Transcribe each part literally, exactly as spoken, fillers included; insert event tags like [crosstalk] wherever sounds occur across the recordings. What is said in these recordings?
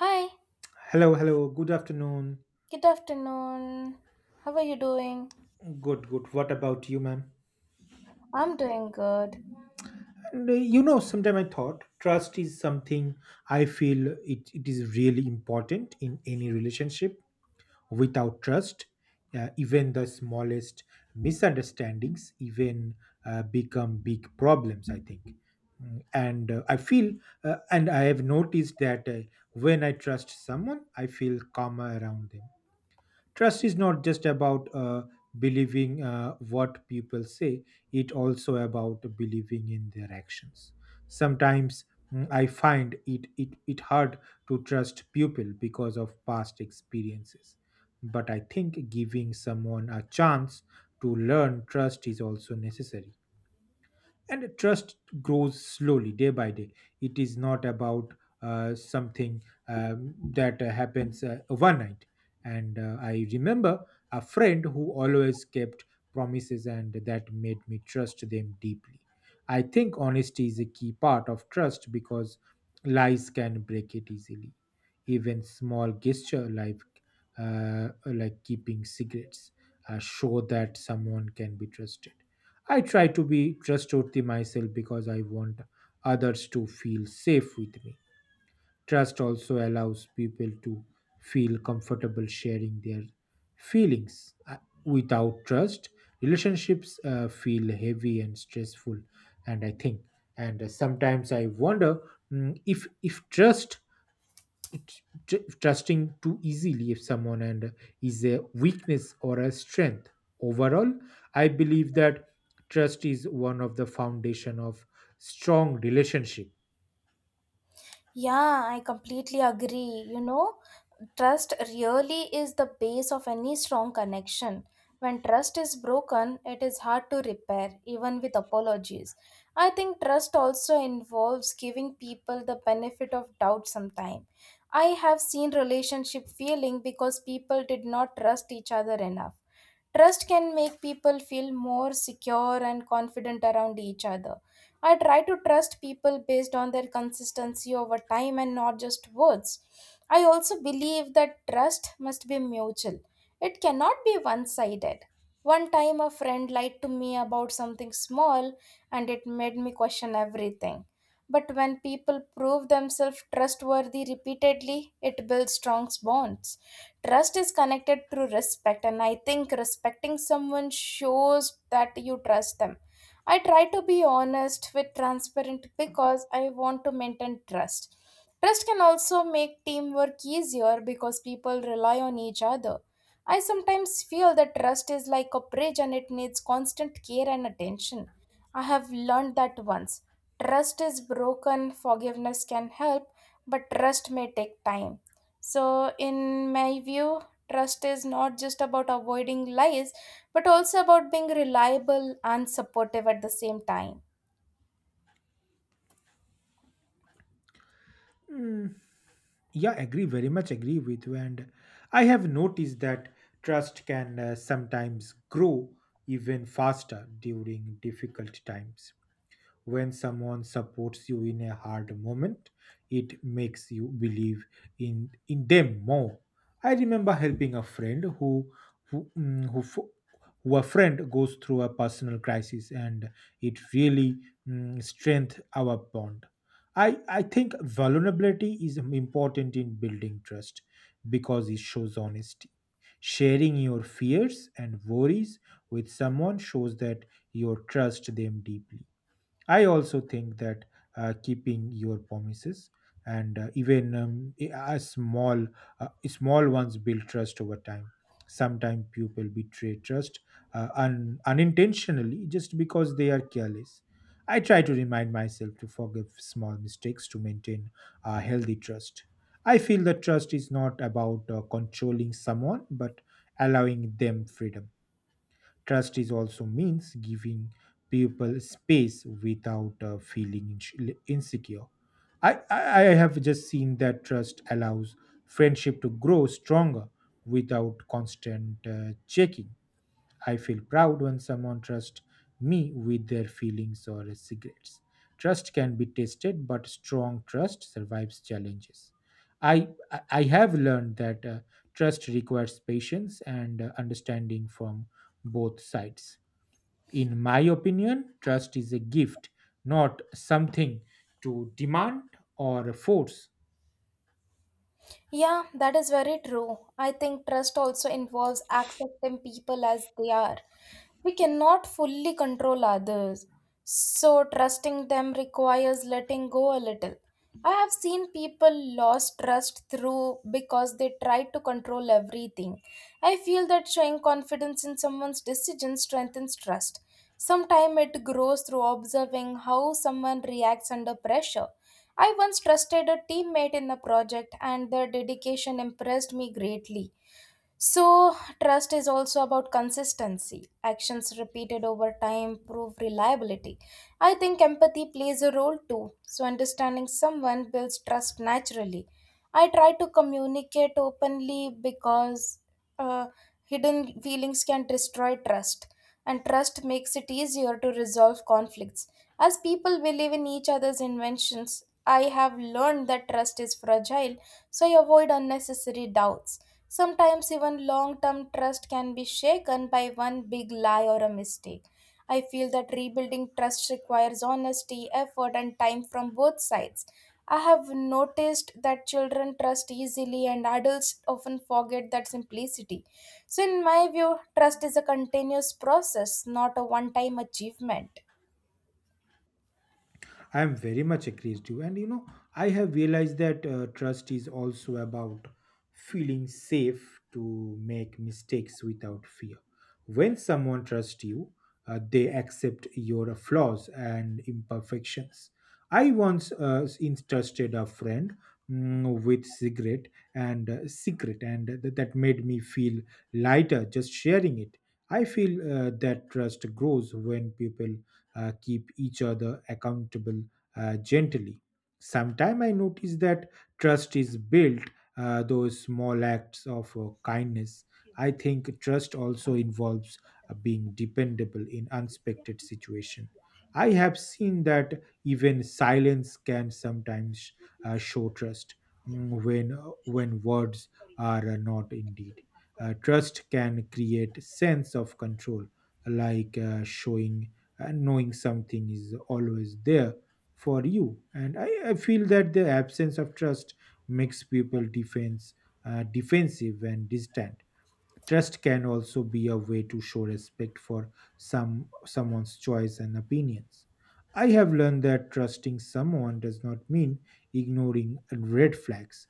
Hi, Hello, hello. Good afternoon. good afternoon. How are you doing? Good, good. What about you, ma'am? I'm doing good. And uh, you know, sometime I thought trust is something I feel it, it is really important in any relationship. Without trust, uh, even the smallest misunderstandings even uh, become big problems, I think. Mm, and uh, I feel, uh, and I have noticed that uh, when I trust someone, I feel calmer around them. Trust is not just about uh, believing uh, what people say, it also about believing in their actions. Sometimes mm, I find it, it, it hard to trust people because of past experiences. But I think giving someone a chance to learn trust is also necessary, and trust grows slowly day by day. It is not about uh, something um, that uh, happens uh, overnight. And uh, I remember a friend who always kept promises, and that made me trust them deeply. I think honesty is a key part of trust because lies can break it easily. Even small gesture like uh, like keeping secrets uh, show that someone can be trusted. I try to be trustworthy myself because I want others to feel safe with me. Trust also allows people to feel comfortable sharing their feelings. Uh, Without trust, relationships uh, feel heavy and stressful, and I think. And uh, Sometimes I wonder, mm, if if trust, tr- trusting too easily if someone and uh, is a weakness or a strength. Overall, I believe that trust is one of the foundation of strong relationship. Yeah, I completely agree. You know, trust really is the base of any strong connection. When trust is broken, it is hard to repair, even with apologies. I think trust also involves giving people the benefit of doubt sometime. I have seen relationship failing because people did not trust each other enough. Trust can make people feel more secure and confident around each other. I try to trust people based on their consistency over time and not just words. I also believe that trust must be mutual, it cannot be one sided. One time, a friend lied to me about something small and it made me question everything. But when people prove themselves trustworthy repeatedly, it builds strong bonds. Trust is connected through respect, and I think respecting someone shows that you trust them. I try to be honest with transparent because I want to maintain trust. Trust can also make teamwork easier because people rely on each other. I sometimes feel that trust is like a bridge and it needs constant care and attention. I have learned that once trust is broken, forgiveness can help, but trust may take time. So, in my view, trust is not just about avoiding lies, but also about being reliable and supportive at the same time. Mm, yeah, agree, very much agree with you. And uh, I have noticed that trust can uh, sometimes grow even faster during difficult times. When someone supports you in a hard moment, it makes you believe in, in them more. I remember helping a friend who, who, mm, who, fo- who, a friend goes through a personal crisis, and it really mm, strengthens our bond. I, I think vulnerability is important in building trust because it shows honesty. Sharing your fears and worries with someone shows that you trust them deeply. I also think that uh, keeping your promises and uh, even um, a a small, uh, small ones build trust over time. Sometimes people betray trust uh, un- unintentionally just because they are careless. I try to remind myself to forgive small mistakes to maintain a healthy trust. I feel that trust is not about uh, controlling someone but allowing them freedom. Trust is also means giving people space without uh, feeling ins- insecure. I, I, I have just seen that trust allows friendship to grow stronger without constant uh, checking. I feel proud when someone trusts me with their feelings or secrets. Trust can be tested, but strong trust survives challenges. I, I I have learned that uh, trust requires patience and uh, understanding from both sides. In my opinion, trust is a gift, not something to demand or force. Yeah, that is very true. I think trust also involves accepting people as they are. We cannot fully control others, so trusting them requires letting go a little. I have seen people lost trust through because they tried to control everything. I feel that showing confidence in someone's decision strengthens trust. Sometimes it grows through observing how someone reacts under pressure. I once trusted a teammate in a project, and their dedication impressed me greatly. So, trust is also about consistency. Actions repeated over time prove reliability. I think empathy plays a role too. So, understanding someone builds trust naturally. I try to communicate openly because uh, hidden feelings can destroy trust, and trust makes it easier to resolve conflicts. As people believe in each other's inventions, I have learned that trust is fragile, so I avoid unnecessary doubts. Sometimes even long term trust can be shaken by one big lie or a mistake. I feel that rebuilding trust requires honesty, effort, and time from both sides. I have noticed that children trust easily and adults often forget that simplicity. So, in my view, trust is a continuous process, not a one time achievement. I am very much agrees to you. And you know, I have realized that uh, trust is also about feeling safe to make mistakes without fear. When someone trusts you, uh, they accept your flaws and imperfections. I once uh, entrusted a friend mm, with cigarette and uh, secret, and th- that made me feel lighter just sharing it. I feel uh, that trust grows when people uh, keep each other accountable uh, gently. Sometimes I notice that trust is built uh, those small acts of uh, kindness. I think trust also involves uh, being dependable in unexpected situation. I have seen that even silence can sometimes uh, show trust mm, when uh, when words are uh, not indeed. Uh, trust can create sense of control, like uh, showing and knowing something is always there for you. And I, I feel that the absence of trust makes people defense uh, defensive and distant. Trust can also be a way to show respect for some someone's choice and opinions. I have learned that trusting someone does not mean ignoring red flags.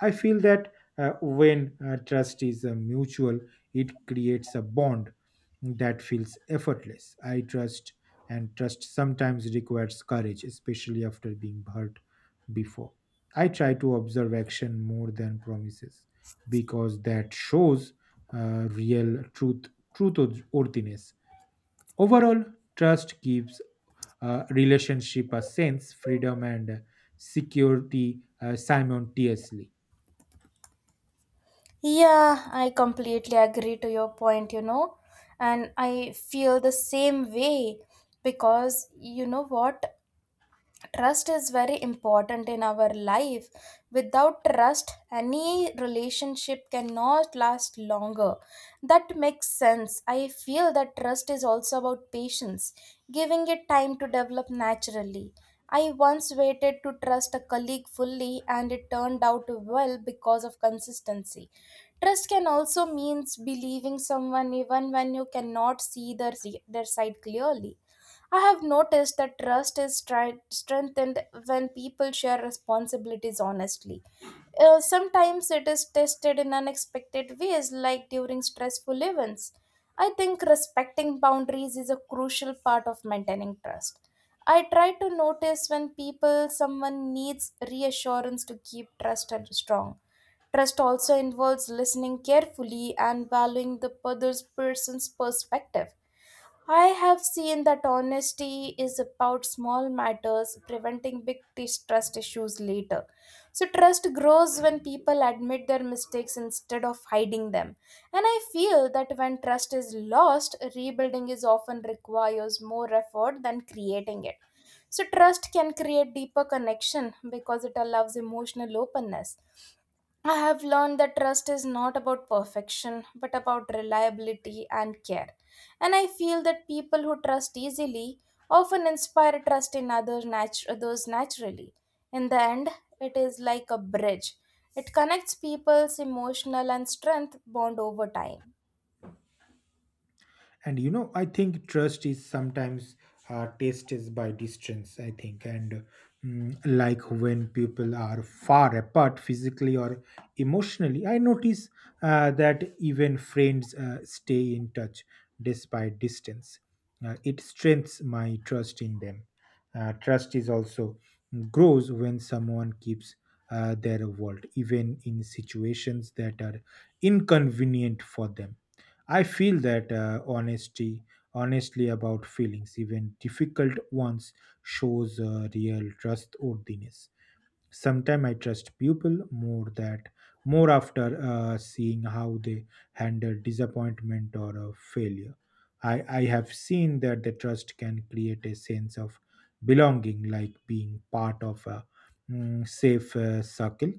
I feel that uh, when uh, trust is uh, mutual, it creates a bond that feels effortless. I trust, and trust sometimes requires courage, especially after being hurt before. I try to observe action more than promises because that shows uh, real truth truthworthiness. Overall, trust gives uh, relationship a sense freedom and security uh, simultaneously. Yeah, I completely agree to your point, you know, and I feel the same way because you know what? Trust is very important in our life. Without trust any relationship cannot last longer. That makes sense. I feel that trust is also about patience, giving it time to develop naturally. I once waited to trust a colleague fully and it turned out well because of consistency. Trust can also means believing someone even when you cannot see their, their side clearly. I have noticed that trust is tri- strengthened when people share responsibilities honestly. Uh, sometimes it is tested in unexpected ways, like during stressful events. I think respecting boundaries is a crucial part of maintaining trust. I try to notice when people someone needs reassurance to keep trust strong. Trust also involves listening carefully and valuing the other person's perspective. I have seen that honesty is about small matters, preventing big distrust issues later. So, trust grows when people admit their mistakes instead of hiding them. And I feel that when trust is lost, rebuilding is often requires more effort than creating it. So, trust can create deeper connection because it allows emotional openness. I have learned that trust is not about perfection, but about reliability and care. And I feel that people who trust easily often inspire trust in others, natu- others naturally. In the end, it is like a bridge, it connects people's emotional and strength bond over time. And you know, I think trust is sometimes uh, tested by distance, I think. And mm, like when people are far apart physically or emotionally, I notice uh, that even friends uh, stay in touch despite distance. Uh, it strengthens my trust in them. Uh, trust is also grows when someone keeps uh, their world even in situations that are inconvenient for them. I feel that uh, honesty, honestly about feelings, even difficult ones, shows uh, real trustworthiness. Sometimes I trust people more that more after uh, seeing how they handle disappointment or a failure. I, I have seen that the trust can create a sense of belonging, like being part of a mm, safe uh, circle.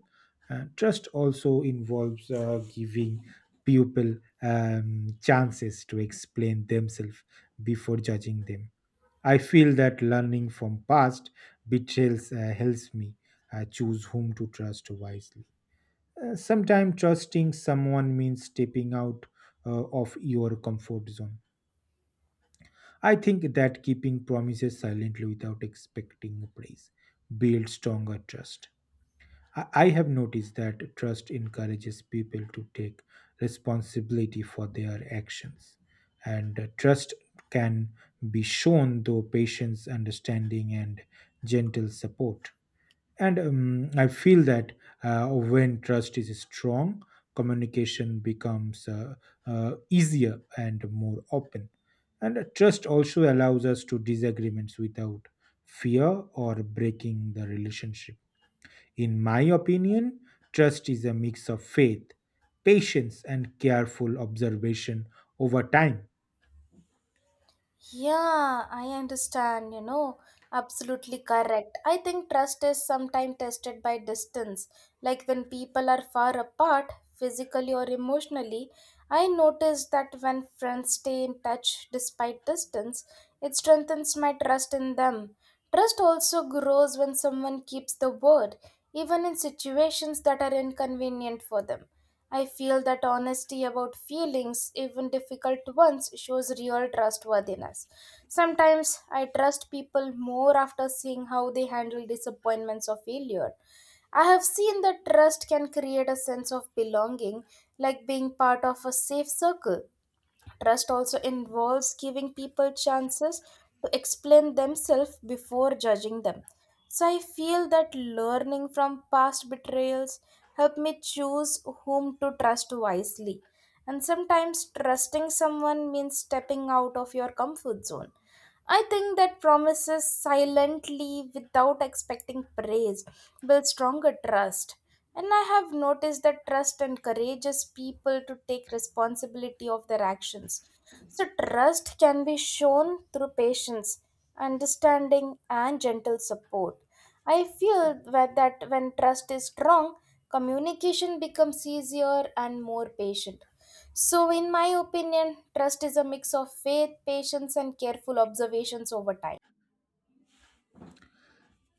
Uh, trust also involves uh, giving people um, chances to explain themselves before judging them. I feel that learning from past betrayals uh, helps me uh, choose whom to trust wisely. Uh, sometimes trusting someone means stepping out uh, of your comfort zone. I think that keeping promises silently without expecting praise builds stronger trust. I I have noticed that trust encourages people to take responsibility for their actions. And uh, Trust can be shown through patience, understanding, and gentle support. And um, I feel that uh, when trust is strong, communication becomes uh, uh, easier and more open. And uh, Trust also allows us to disagreements without fear or breaking the relationship. In my opinion, trust is a mix of faith, patience, and careful observation over time. Yeah, I understand, you know, absolutely correct. I think trust is sometimes tested by distance. Like when people are far apart, physically or emotionally, I noticed that when friends stay in touch despite distance, it strengthens my trust in them. Trust also grows when someone keeps the word, even in situations that are inconvenient for them. I feel that honesty about feelings, even difficult ones, shows real trustworthiness. Sometimes I trust people more after seeing how they handle disappointments or failure. I have seen that trust can create a sense of belonging, like being part of a safe circle. Trust also involves giving people chances to explain themselves before judging them. So I feel that learning from past betrayals help me choose whom to trust wisely. And sometimes trusting someone means stepping out of your comfort zone. I think that promises silently without expecting praise build stronger trust. And I have noticed that trust encourages people to take responsibility of their actions. So, trust can be shown through patience, understanding, and gentle support. I feel that that when trust is strong, communication becomes easier and more patient. So, in my opinion, trust is a mix of faith, patience, and careful observations over time.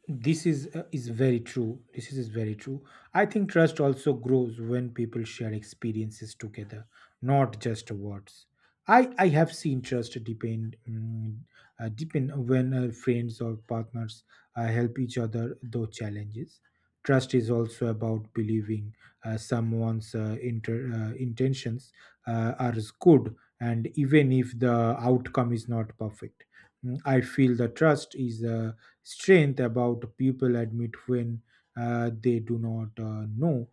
This is uh, is very true, this is, is very true. I think trust also grows when people share experiences together, not just words. I i have seen trust depend, mm, uh, depend when uh, friends or partners uh, help each other through challenges. Trust is also about believing uh, someone's uh, inter, uh, intentions uh, are good, and even if the outcome is not perfect. Mm, I feel the trust is uh, strength about people admit when uh, they do not uh, know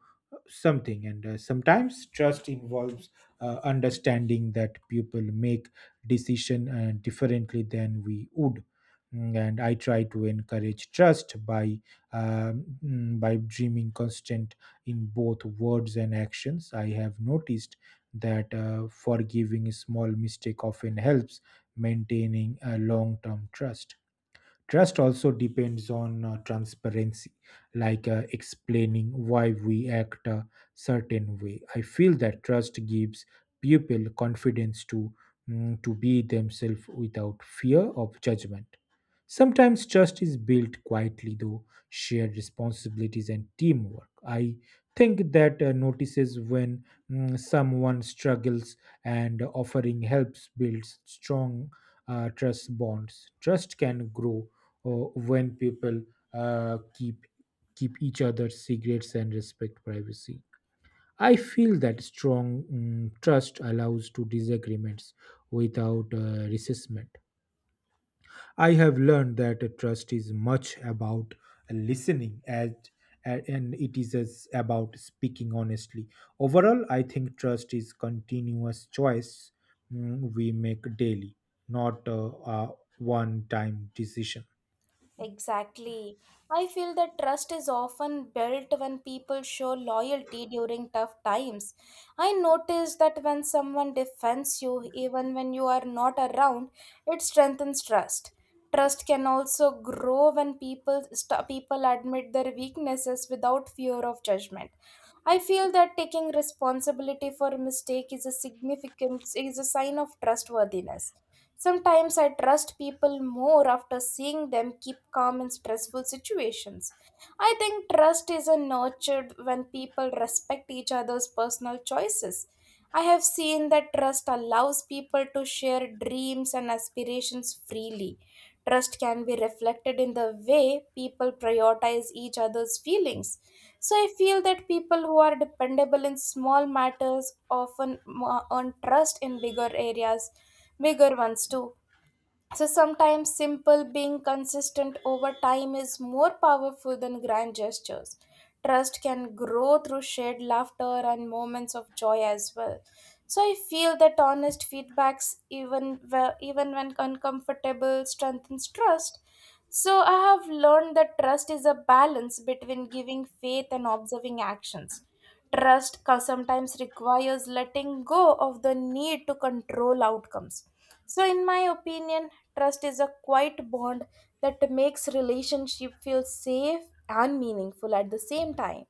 something. And uh, Sometimes trust involves uh, understanding that people make decision uh, differently than we would. Mm, and I try to encourage trust by um, mm, by dreaming constant in both words and actions. I have noticed that uh, forgiving a small mistake often helps maintaining a long term trust. Trust also depends on uh, transparency, like uh, explaining why we act a certain way. I feel that trust gives people confidence to mm, to be themselves without fear of judgment. Sometimes trust is built quietly, though shared responsibilities and teamwork. I think that uh, notices when mm, someone struggles and offering helps builds strong uh, trust bonds. Trust can grow or when people uh, keep keep each other's secrets and respect privacy. I feel that strong mm, trust allows to disagreements without uh, resentment. I have learned that a trust is much about listening as a- and it is as about speaking honestly. Overall, I think trust is continuous choice mm, we make daily, not uh, a one-time decision. Exactly. I feel that trust is often built when people show loyalty during tough times. I notice that when someone defends you, even when you are not around, it strengthens trust. Trust can also grow when people st- people admit their weaknesses without fear of judgment. I feel that taking responsibility for a mistake is a significant is a sign of trustworthiness. Sometimes I trust people more after seeing them keep calm in stressful situations. I think trust is a nurtured when people respect each other's personal choices. I have seen that trust allows people to share dreams and aspirations freely. Trust can be reflected in the way people prioritize each other's feelings. So I feel that people who are dependable in small matters often mo- earn trust in bigger areas, bigger ones too. So sometimes simple being consistent over time is more powerful than grand gestures. Trust can grow through shared laughter and moments of joy as well. So I feel that honest feedbacks, even whe- even when uncomfortable, strengthens trust. So I have learned that trust is a balance between giving faith and observing actions. Trust co- sometimes requires letting go of the need to control outcomes. So, in my opinion, trust is a quiet bond that makes relationship feel safe and meaningful at the same time.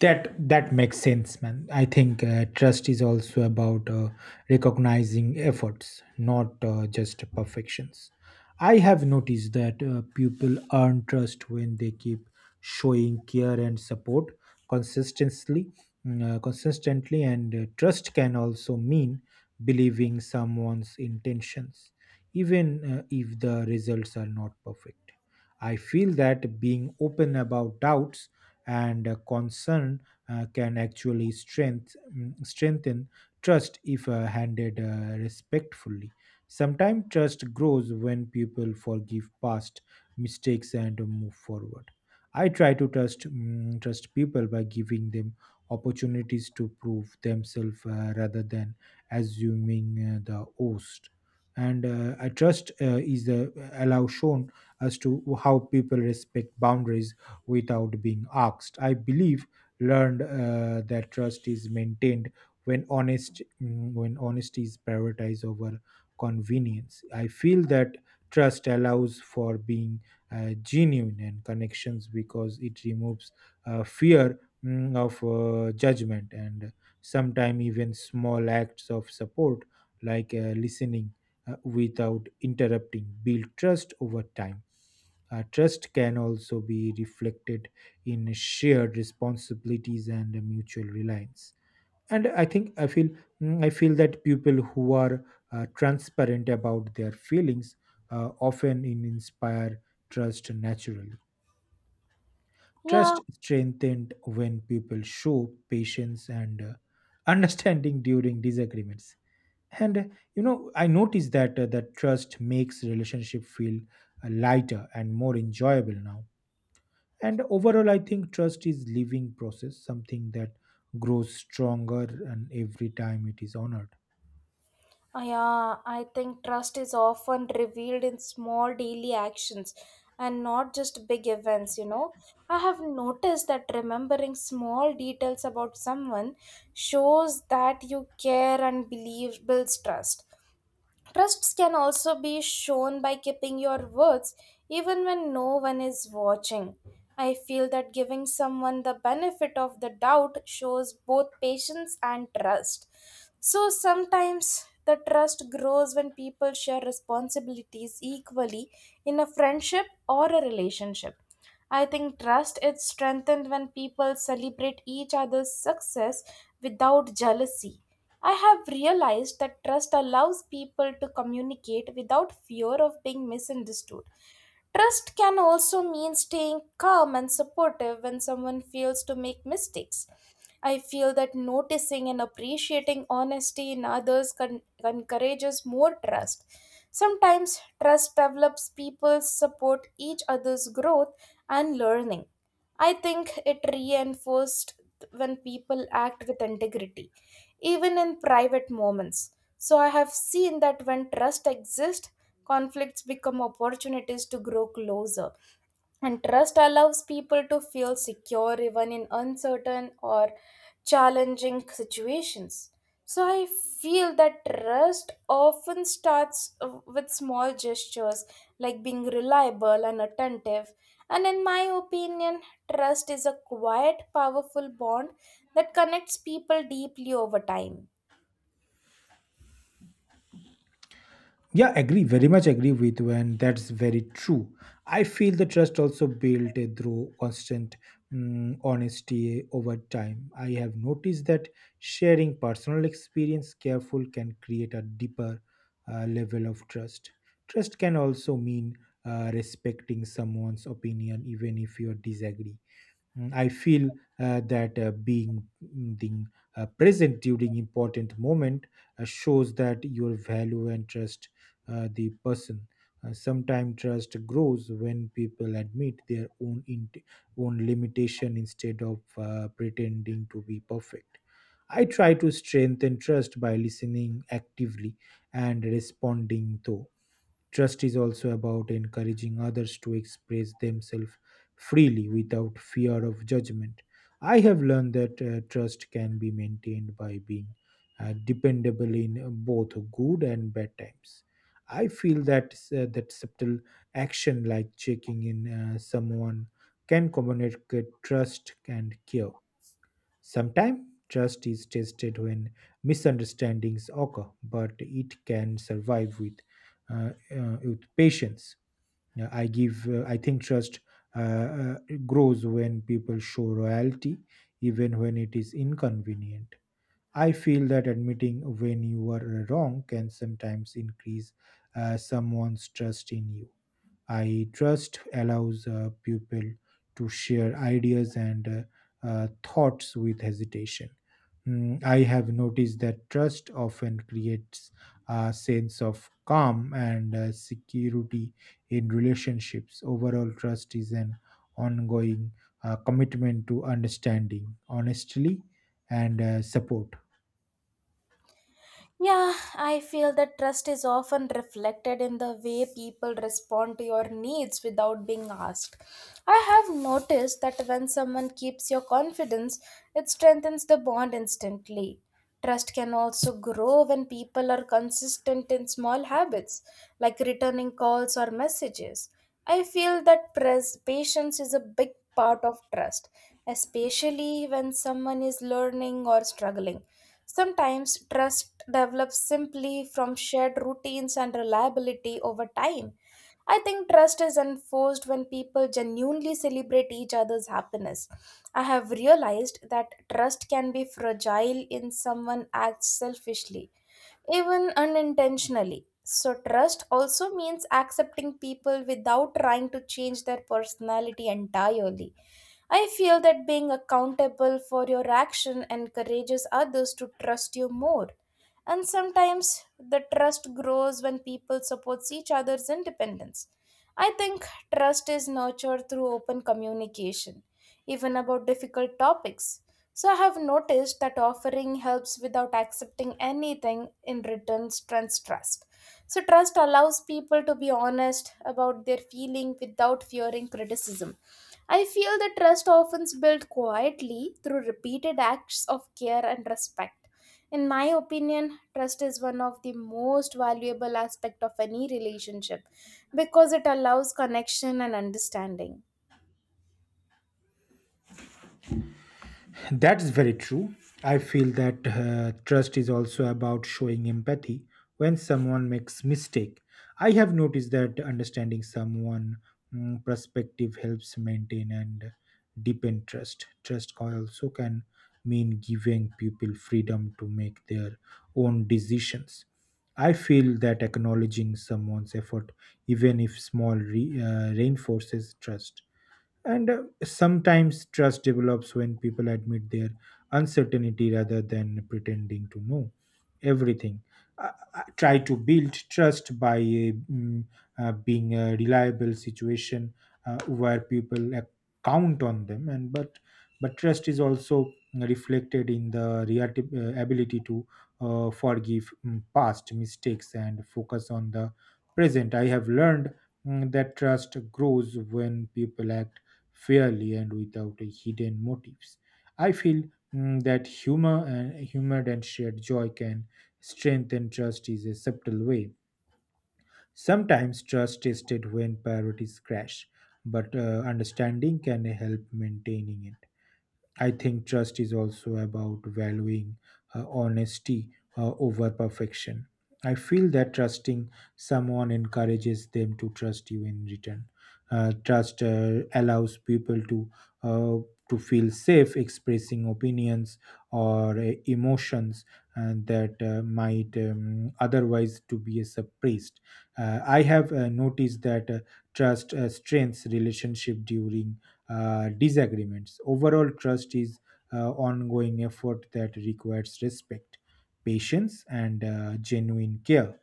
That that makes sense, man. I think uh, trust is also about uh, recognizing efforts, not uh, just perfections. I have noticed that uh, people earn trust when they keep showing care and support consistently, mm, uh, consistently. And uh, Trust can also mean believing someone's intentions, even uh, if the results are not perfect. I feel that being open about doubts and uh, concern uh, can actually strength, mm, strengthen trust if uh, handled uh, respectfully. Sometimes trust grows when people forgive past mistakes and move forward. I try to trust mm, trust people by giving them opportunities to prove themselves, uh, rather than assuming uh, the host. And uh, I trust uh, is the allow shown as to how people respect boundaries without being asked. I believe learned uh, that trust is maintained when honest mm, when honesty is prioritized over convenience. I feel that trust allows for being uh, genuine and connections because it removes uh, fear mm, of uh, judgment. And sometimes even small acts of support, like uh, listening uh, without interrupting, build trust over time. Uh, trust can also be reflected in shared responsibilities and mutual reliance. And I think I feel mm, I feel that people who are uh, transparent about their feelings uh, often in- inspire trust naturally. Yeah, Trust is strengthened when people show patience and uh, [laughs] understanding during disagreements. And uh, You know, I noticed that uh, that trust makes relationship feel uh, lighter and more enjoyable now. And overall, I think trust is living process, something that grows stronger, and every time it is honored. uh, yeah, I think trust is often revealed in small daily actions and not just big events, you know. I have noticed that remembering small details about someone shows that you care and believe builds trust. Trusts can also be shown by keeping your words even when no one is watching. I feel that giving someone the benefit of the doubt shows both patience and trust. So sometimes the trust grows when people share responsibilities equally in a friendship or a relationship. I think trust is strengthened when people celebrate each other's success without jealousy. I have realized that trust allows people to communicate without fear of being misunderstood. Trust can also mean staying calm and supportive when someone fails to make mistakes. I feel that noticing and appreciating honesty in others con- encourages more trust. Sometimes trust develops people support each other's growth and learning. I think it reinforced when people act with integrity, even in private moments. So I have seen that when trust exists, conflicts become opportunities to grow closer. And trust allows people to feel secure even in uncertain or challenging situations. So I feel that trust often starts uh, with small gestures like being reliable and attentive. And in my opinion, trust is a quiet, powerful bond that connects people deeply over time. Yeah, agree. Very much agree with you, and that's very true. I feel the trust also built uh, through constant mm, honesty over time. I have noticed that sharing personal experience careful can create a deeper uh, level of trust. Trust can also mean uh, respecting someone's opinion, even if you disagree. Mm, I feel uh, that uh, being, mm, being uh, present during important moment uh, shows that your value and trust uh, the person. Uh, Sometimes trust grows when people admit their own int- own limitation instead of uh, pretending to be perfect. I try to strengthen trust by listening actively and responding though. Trust is also about encouraging others to express themselves freely without fear of judgment. I have learned that uh, trust can be maintained by being uh, dependable in uh, both good and bad times. I feel that uh, that subtle action like checking in uh, someone can communicate trust and care. Sometimes trust is tested when misunderstandings occur, but it can survive with uh, uh, with patience. Uh, I give. Uh, I think trust uh, uh, grows when people show loyalty, even when it is inconvenient. I feel that admitting when you are wrong can sometimes increase uh, someone's trust in you. I trust allows uh, people to share ideas and uh, uh, thoughts with hesitation. Mm, I have noticed that trust often creates a sense of calm and uh, security in relationships. Overall, trust is an ongoing uh, commitment to understanding, honestly, and uh, support. Yeah, I feel that trust is often reflected in the way people respond to your needs without being asked. I have noticed that when someone keeps your confidence, it strengthens the bond instantly. Trust can also grow when people are consistent in small habits, like returning calls or messages. I feel that pres- patience is a big part of trust, especially when someone is learning or struggling. Sometimes trust develops simply from shared routines and reliability over time. I think trust is enforced when people genuinely celebrate each other's happiness. I have realized that trust can be fragile in someone acts selfishly, even unintentionally. So, trust also means accepting people without trying to change their personality entirely. I feel that being accountable for your action encourages others to trust you more. And sometimes the trust grows when people support each other's independence. I think trust is nurtured through open communication, even about difficult topics. So I have noticed that offering helps without accepting anything in return strengthens trust. So trust allows people to be honest about their feeling without fearing criticism. I feel the trust often built quietly through repeated acts of care and respect. In my opinion, trust is one of the most valuable aspect of any relationship because it allows connection and understanding. That is very true. I feel that uh, trust is also about showing empathy when someone makes mistake. I have noticed that understanding someone mm, perspective helps maintain and deepen trust. Trust can- also can mean giving people freedom to make their own decisions. I feel that acknowledging someone's effort, even if small, re- uh, reinforces trust. And uh, sometimes trust develops when people admit their uncertainty rather than pretending to know everything. Uh, uh, try to build trust by uh, mm, uh, being a reliable situation uh, where people uh, count on them. And but but trust is also reflected in the reati- uh, ability to uh, forgive mm, past mistakes and focus on the present. I have learned mm, that trust grows when people act fairly and without a hidden motives. I feel mm, that humor and humor and shared joy can strengthen trust is a subtle way. Sometimes trust tested when priorities crash, but uh, understanding can help maintaining it. I think trust is also about valuing uh, honesty uh, over perfection. I feel that trusting someone encourages them to trust you in return. Uh, trust uh, allows people to uh, to feel safe expressing opinions or uh, emotions and that uh, might um, otherwise to be suppressed. Uh, I have uh, noticed that uh, trust uh, strengthens relationship during uh, disagreements. Overall, trust is uh, ongoing effort that requires respect, patience, and uh, genuine care.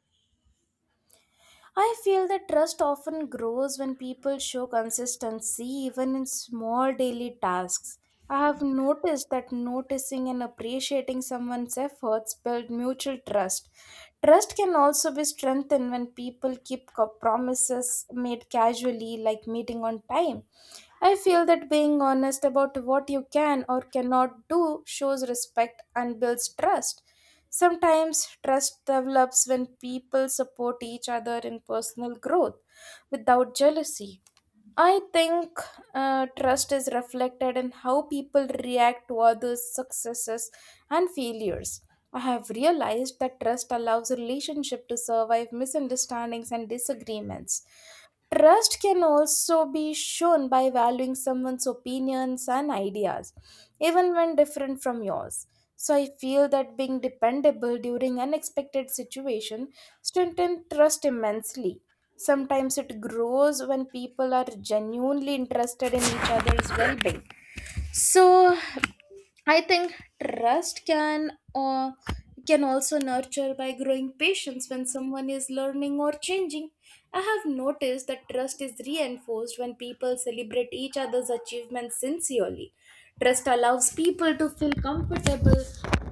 I feel that trust often grows when people show consistency even in small daily tasks. I have noticed that noticing and appreciating someone's efforts build mutual trust. Trust can also be strengthened when people keep co- promises made casually, like meeting on time. I feel that being honest about what you can or cannot do shows respect and builds trust. Sometimes trust develops when people support each other in personal growth without jealousy. I think uh, trust is reflected in how people react to others' successes and failures. I have realized that trust allows a relationship to survive misunderstandings and disagreements. Trust can also be shown by valuing someone's opinions and ideas, even when different from yours. So I feel that being dependable during unexpected situation strengthens trust immensely. Sometimes it grows when people are genuinely interested in each other's well-being. So I think trust can uh, we can also nurture by growing patience when someone is learning or changing. I have noticed that trust is reinforced when people celebrate each other's achievements sincerely. Trust allows people to feel comfortable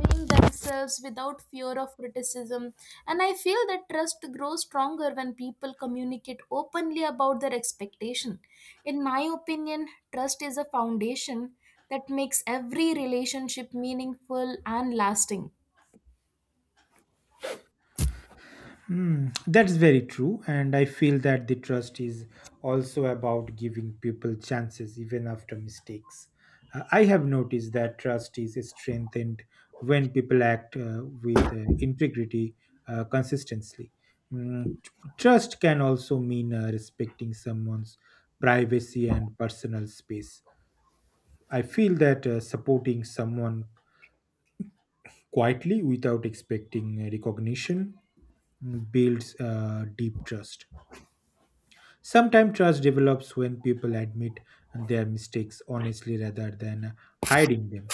being themselves without fear of criticism. And I feel that trust grows stronger when people communicate openly about their expectation. In my opinion, trust is a foundation that makes every relationship meaningful and lasting. Mm, that's very true. And I feel that the trust is also about giving people chances even after mistakes. Uh, I have noticed that trust is strengthened when people act uh, with uh, integrity uh, consistently. Mm, tr- Trust can also mean uh, respecting someone's privacy and personal space. I feel that uh, supporting someone quietly without expecting uh, recognition mm, builds uh, deep trust. Sometimes trust develops when people admit their mistakes honestly rather than hiding them.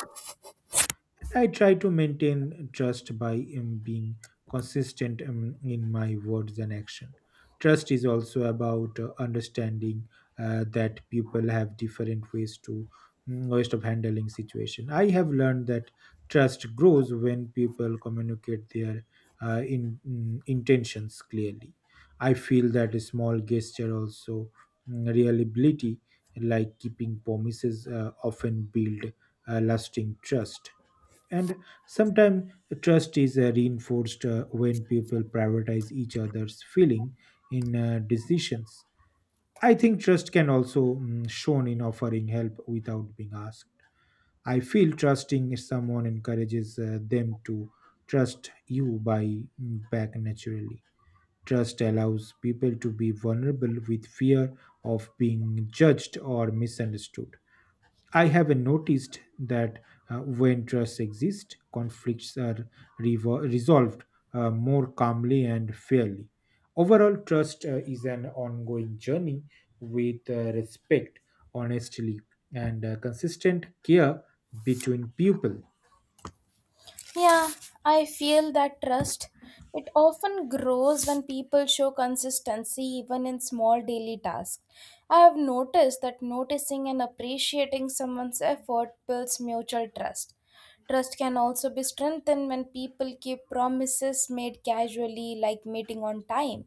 I try to maintain trust by um, being consistent um, in my words and action. Trust is also about uh, understanding uh, that people have different ways to mm, ways of handling situation. I have learned that trust grows when people communicate their uh, in, mm, intentions clearly. I feel that a small gesture also mm, reliability, like keeping promises, uh, often build uh, lasting trust, and sometimes trust is uh, reinforced uh, when people prioritize each other's feeling in uh, decisions. I think trust can also mm, shown in offering help without being asked. I feel trusting someone encourages uh, them to trust you by mm, back naturally. Trust allows people to be vulnerable with fear of being judged or misunderstood. I have noticed that uh, when trust exists, conflicts are revo- resolved uh, more calmly and fairly. Overall, trust uh, is an ongoing journey with uh, respect, honesty, and uh, consistent care between people. Yeah, I feel that trust. It often grows when people show consistency even in small daily tasks. I have noticed that noticing and appreciating someone's effort builds mutual trust. Trust can also be strengthened when people keep promises made casually, like meeting on time.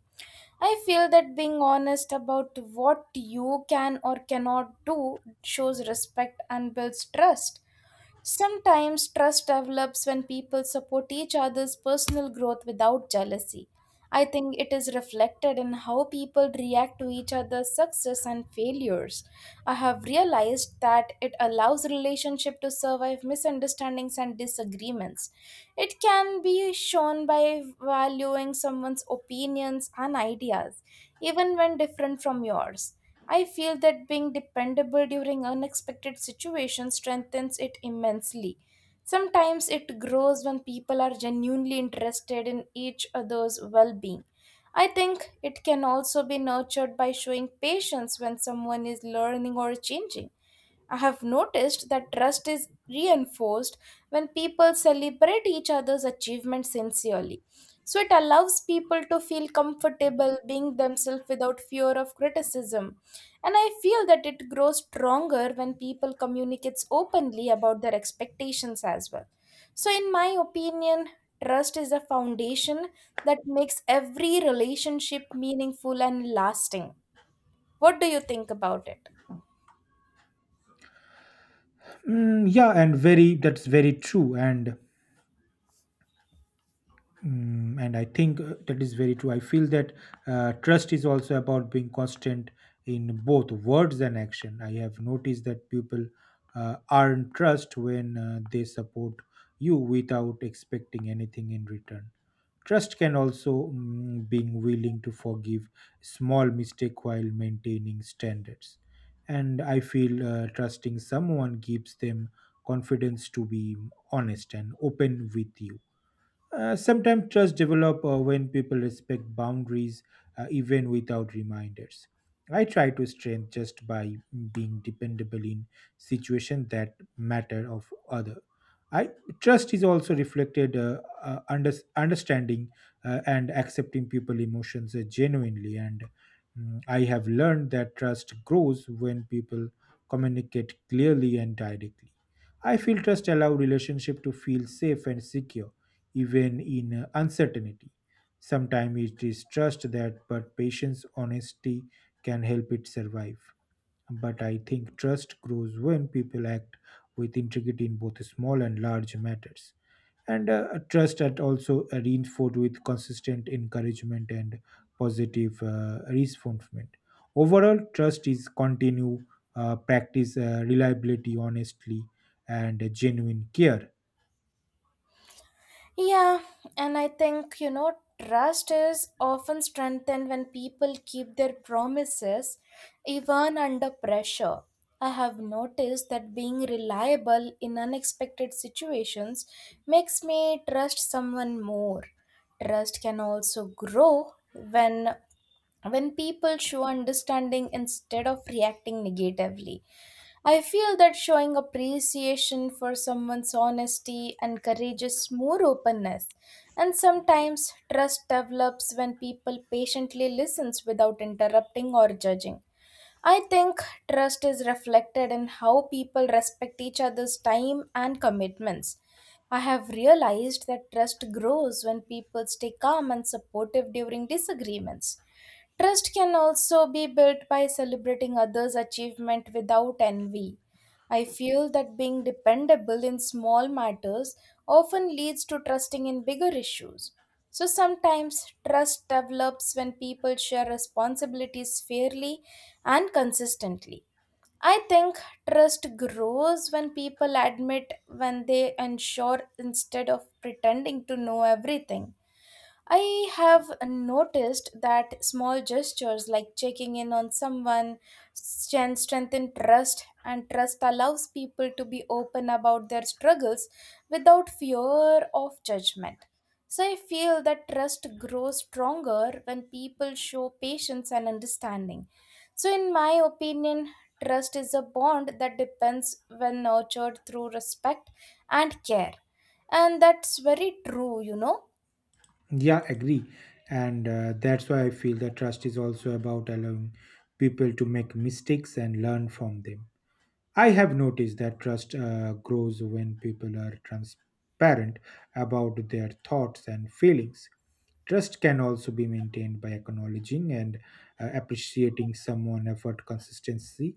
I feel that being honest about what you can or cannot do shows respect and builds trust. Sometimes trust develops when people support each other's personal growth without jealousy. I think it is reflected in how people react to each other's success and failures. I have realized that it allows relationship to survive misunderstandings and disagreements. It can be shown by valuing someone's opinions and ideas even when different from yours. I feel that being dependable during unexpected situations strengthens it immensely. Sometimes it grows when people are genuinely interested in each other's well being. I think it can also be nurtured by showing patience when someone is learning or changing. I have noticed that trust is reinforced when people celebrate each other's achievements sincerely. So it allows people to feel comfortable being themselves without fear of criticism. And I feel that it grows stronger when people communicates openly about their expectations as well. So, in my opinion, trust is a foundation that makes every relationship meaningful and lasting. What do you think about it? Mm, yeah, and very that's very true. And Mm, and I think uh, that is very true. I feel that uh, trust is also about being constant in both words and action. I have noticed that people uh, earn trust when uh, they support you without expecting anything in return. Trust can also mm, being willing to forgive small mistake while maintaining standards. And I feel uh, trusting someone gives them confidence to be honest and open with you. Uh, sometimes trust develop uh, when people respect boundaries uh, even without reminders. I try to strengthen just by being dependable in situations that matter of other. I trust is also reflected uh, uh, under, understanding uh, and accepting people emotions uh, genuinely and mm, I have learned that trust grows when people communicate clearly and directly. I feel trust allow relationship to feel safe and secure even in uncertainty. Sometimes it is trust that, but patience, honesty can help it survive. But I think trust grows when people act with integrity in both small and large matters. And uh, trust that also uh, reinforced with consistent encouragement and positive uh, reinforcement. Overall, trust is continue uh, practice uh, reliability, honestly, and genuine care. Yeah, and I think, you know, trust is often strengthened when people keep their promises even under pressure. I have noticed that being reliable in unexpected situations makes me trust someone more. Trust can also grow when when people show understanding instead of reacting negatively. I feel that showing appreciation for someone's honesty encourages more openness, and sometimes trust develops when people patiently listens without interrupting or judging. I think trust is reflected in how people respect each other's time and commitments. I have realized that trust grows when people stay calm and supportive during disagreements. Trust can also be built by celebrating others' achievement without envy. I feel that being dependable in small matters often leads to trusting in bigger issues. So sometimes trust develops when people share responsibilities fairly and consistently. I think trust grows when people admit when they ensure instead of pretending to know everything. I have noticed that small gestures like checking in on someone can strengthen trust, and trust allows people to be open about their struggles without fear of judgment. So I feel that trust grows stronger when people show patience and understanding. So, in my opinion, trust is a bond that depends when nurtured through respect and care. And that's very true, you know. Yeah, agree. And uh, that's why I feel that trust is also about allowing people to make mistakes and learn from them. I have noticed that trust uh, grows when people are transparent about their thoughts and feelings. Trust can also be maintained by acknowledging and uh, appreciating someone' effort, consistency,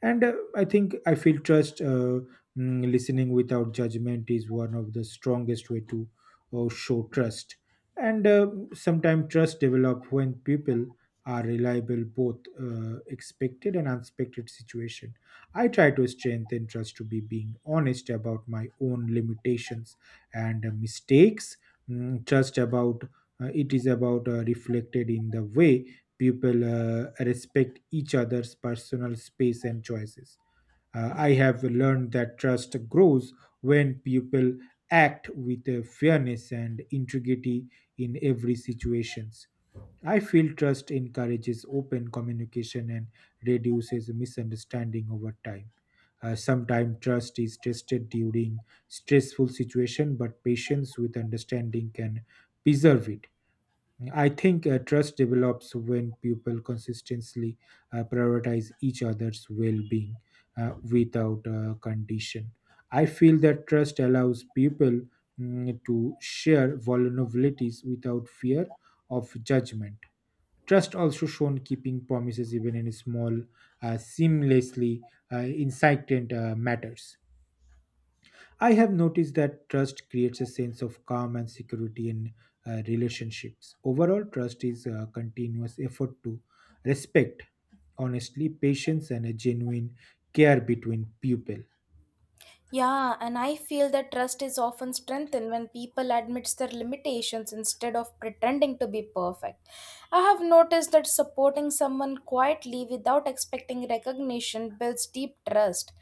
and uh, I think I feel trust. Uh, mm, listening without judgment is one of the strongest way to uh, show trust. And uh, sometimes trust develop when people are reliable, both uh, expected and unexpected situation. I try to strengthen trust to be being honest about my own limitations and uh, mistakes. Mm, trust about uh, it is about uh, reflected in the way people uh, respect each other's personal space and choices. Uh, I have learned that trust grows when people act with uh, fairness and integrity in every situations. I feel trust encourages open communication and reduces misunderstanding over time. Uh, sometimes trust is tested during stressful situation, but patience with understanding can preserve it. I think uh, trust develops when people consistently uh, prioritize each other's well-being uh, without uh, condition. I feel that trust allows people mm, to share vulnerabilities without fear of judgment. Trust also shown keeping promises even in small, uh, seamlessly uh, incipient uh, matters. I have noticed that trust creates a sense of calm and security in uh, relationships. Overall, trust is a continuous effort to respect, honestly, patience, and a genuine care between people. Yeah, and I feel that trust is often strengthened when people admits their limitations instead of pretending to be perfect. I have noticed that supporting someone quietly without expecting recognition builds deep trust.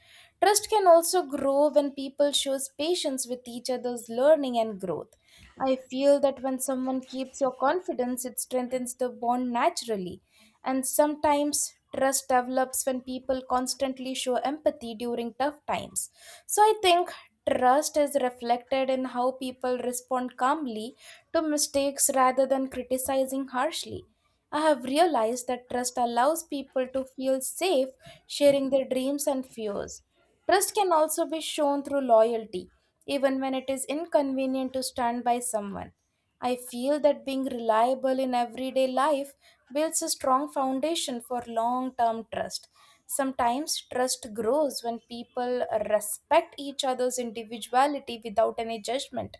Trust can also grow when people shows patience with each other's learning and growth. I feel that when someone keeps your confidence, it strengthens the bond naturally. And sometimes trust develops when people constantly show empathy during tough times. So I think trust is reflected in how people respond calmly to mistakes rather than criticizing harshly. I have realized that trust allows people to feel safe sharing their dreams and fears. Trust can also be shown through loyalty, even when it is inconvenient to stand by someone. I feel that being reliable in everyday life builds a strong foundation for long term trust. Sometimes trust grows when people respect each other's individuality without any judgment.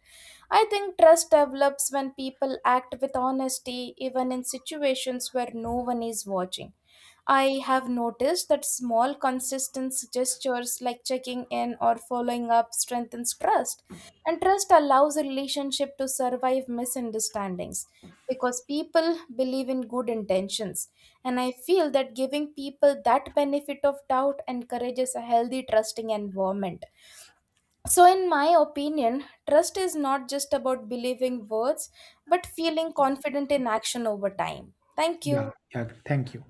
I think trust develops when people act with honesty, even in situations where no one is watching. I have noticed that small, consistent gestures like checking in or following up strengthens trust, and trust allows a relationship to survive misunderstandings because people believe in good intentions. And I feel that giving people that benefit of doubt encourages a healthy trusting environment. So, in my opinion, trust is not just about believing words, but feeling confident in action over time. Thank Yeah, you. yeah. Thank you.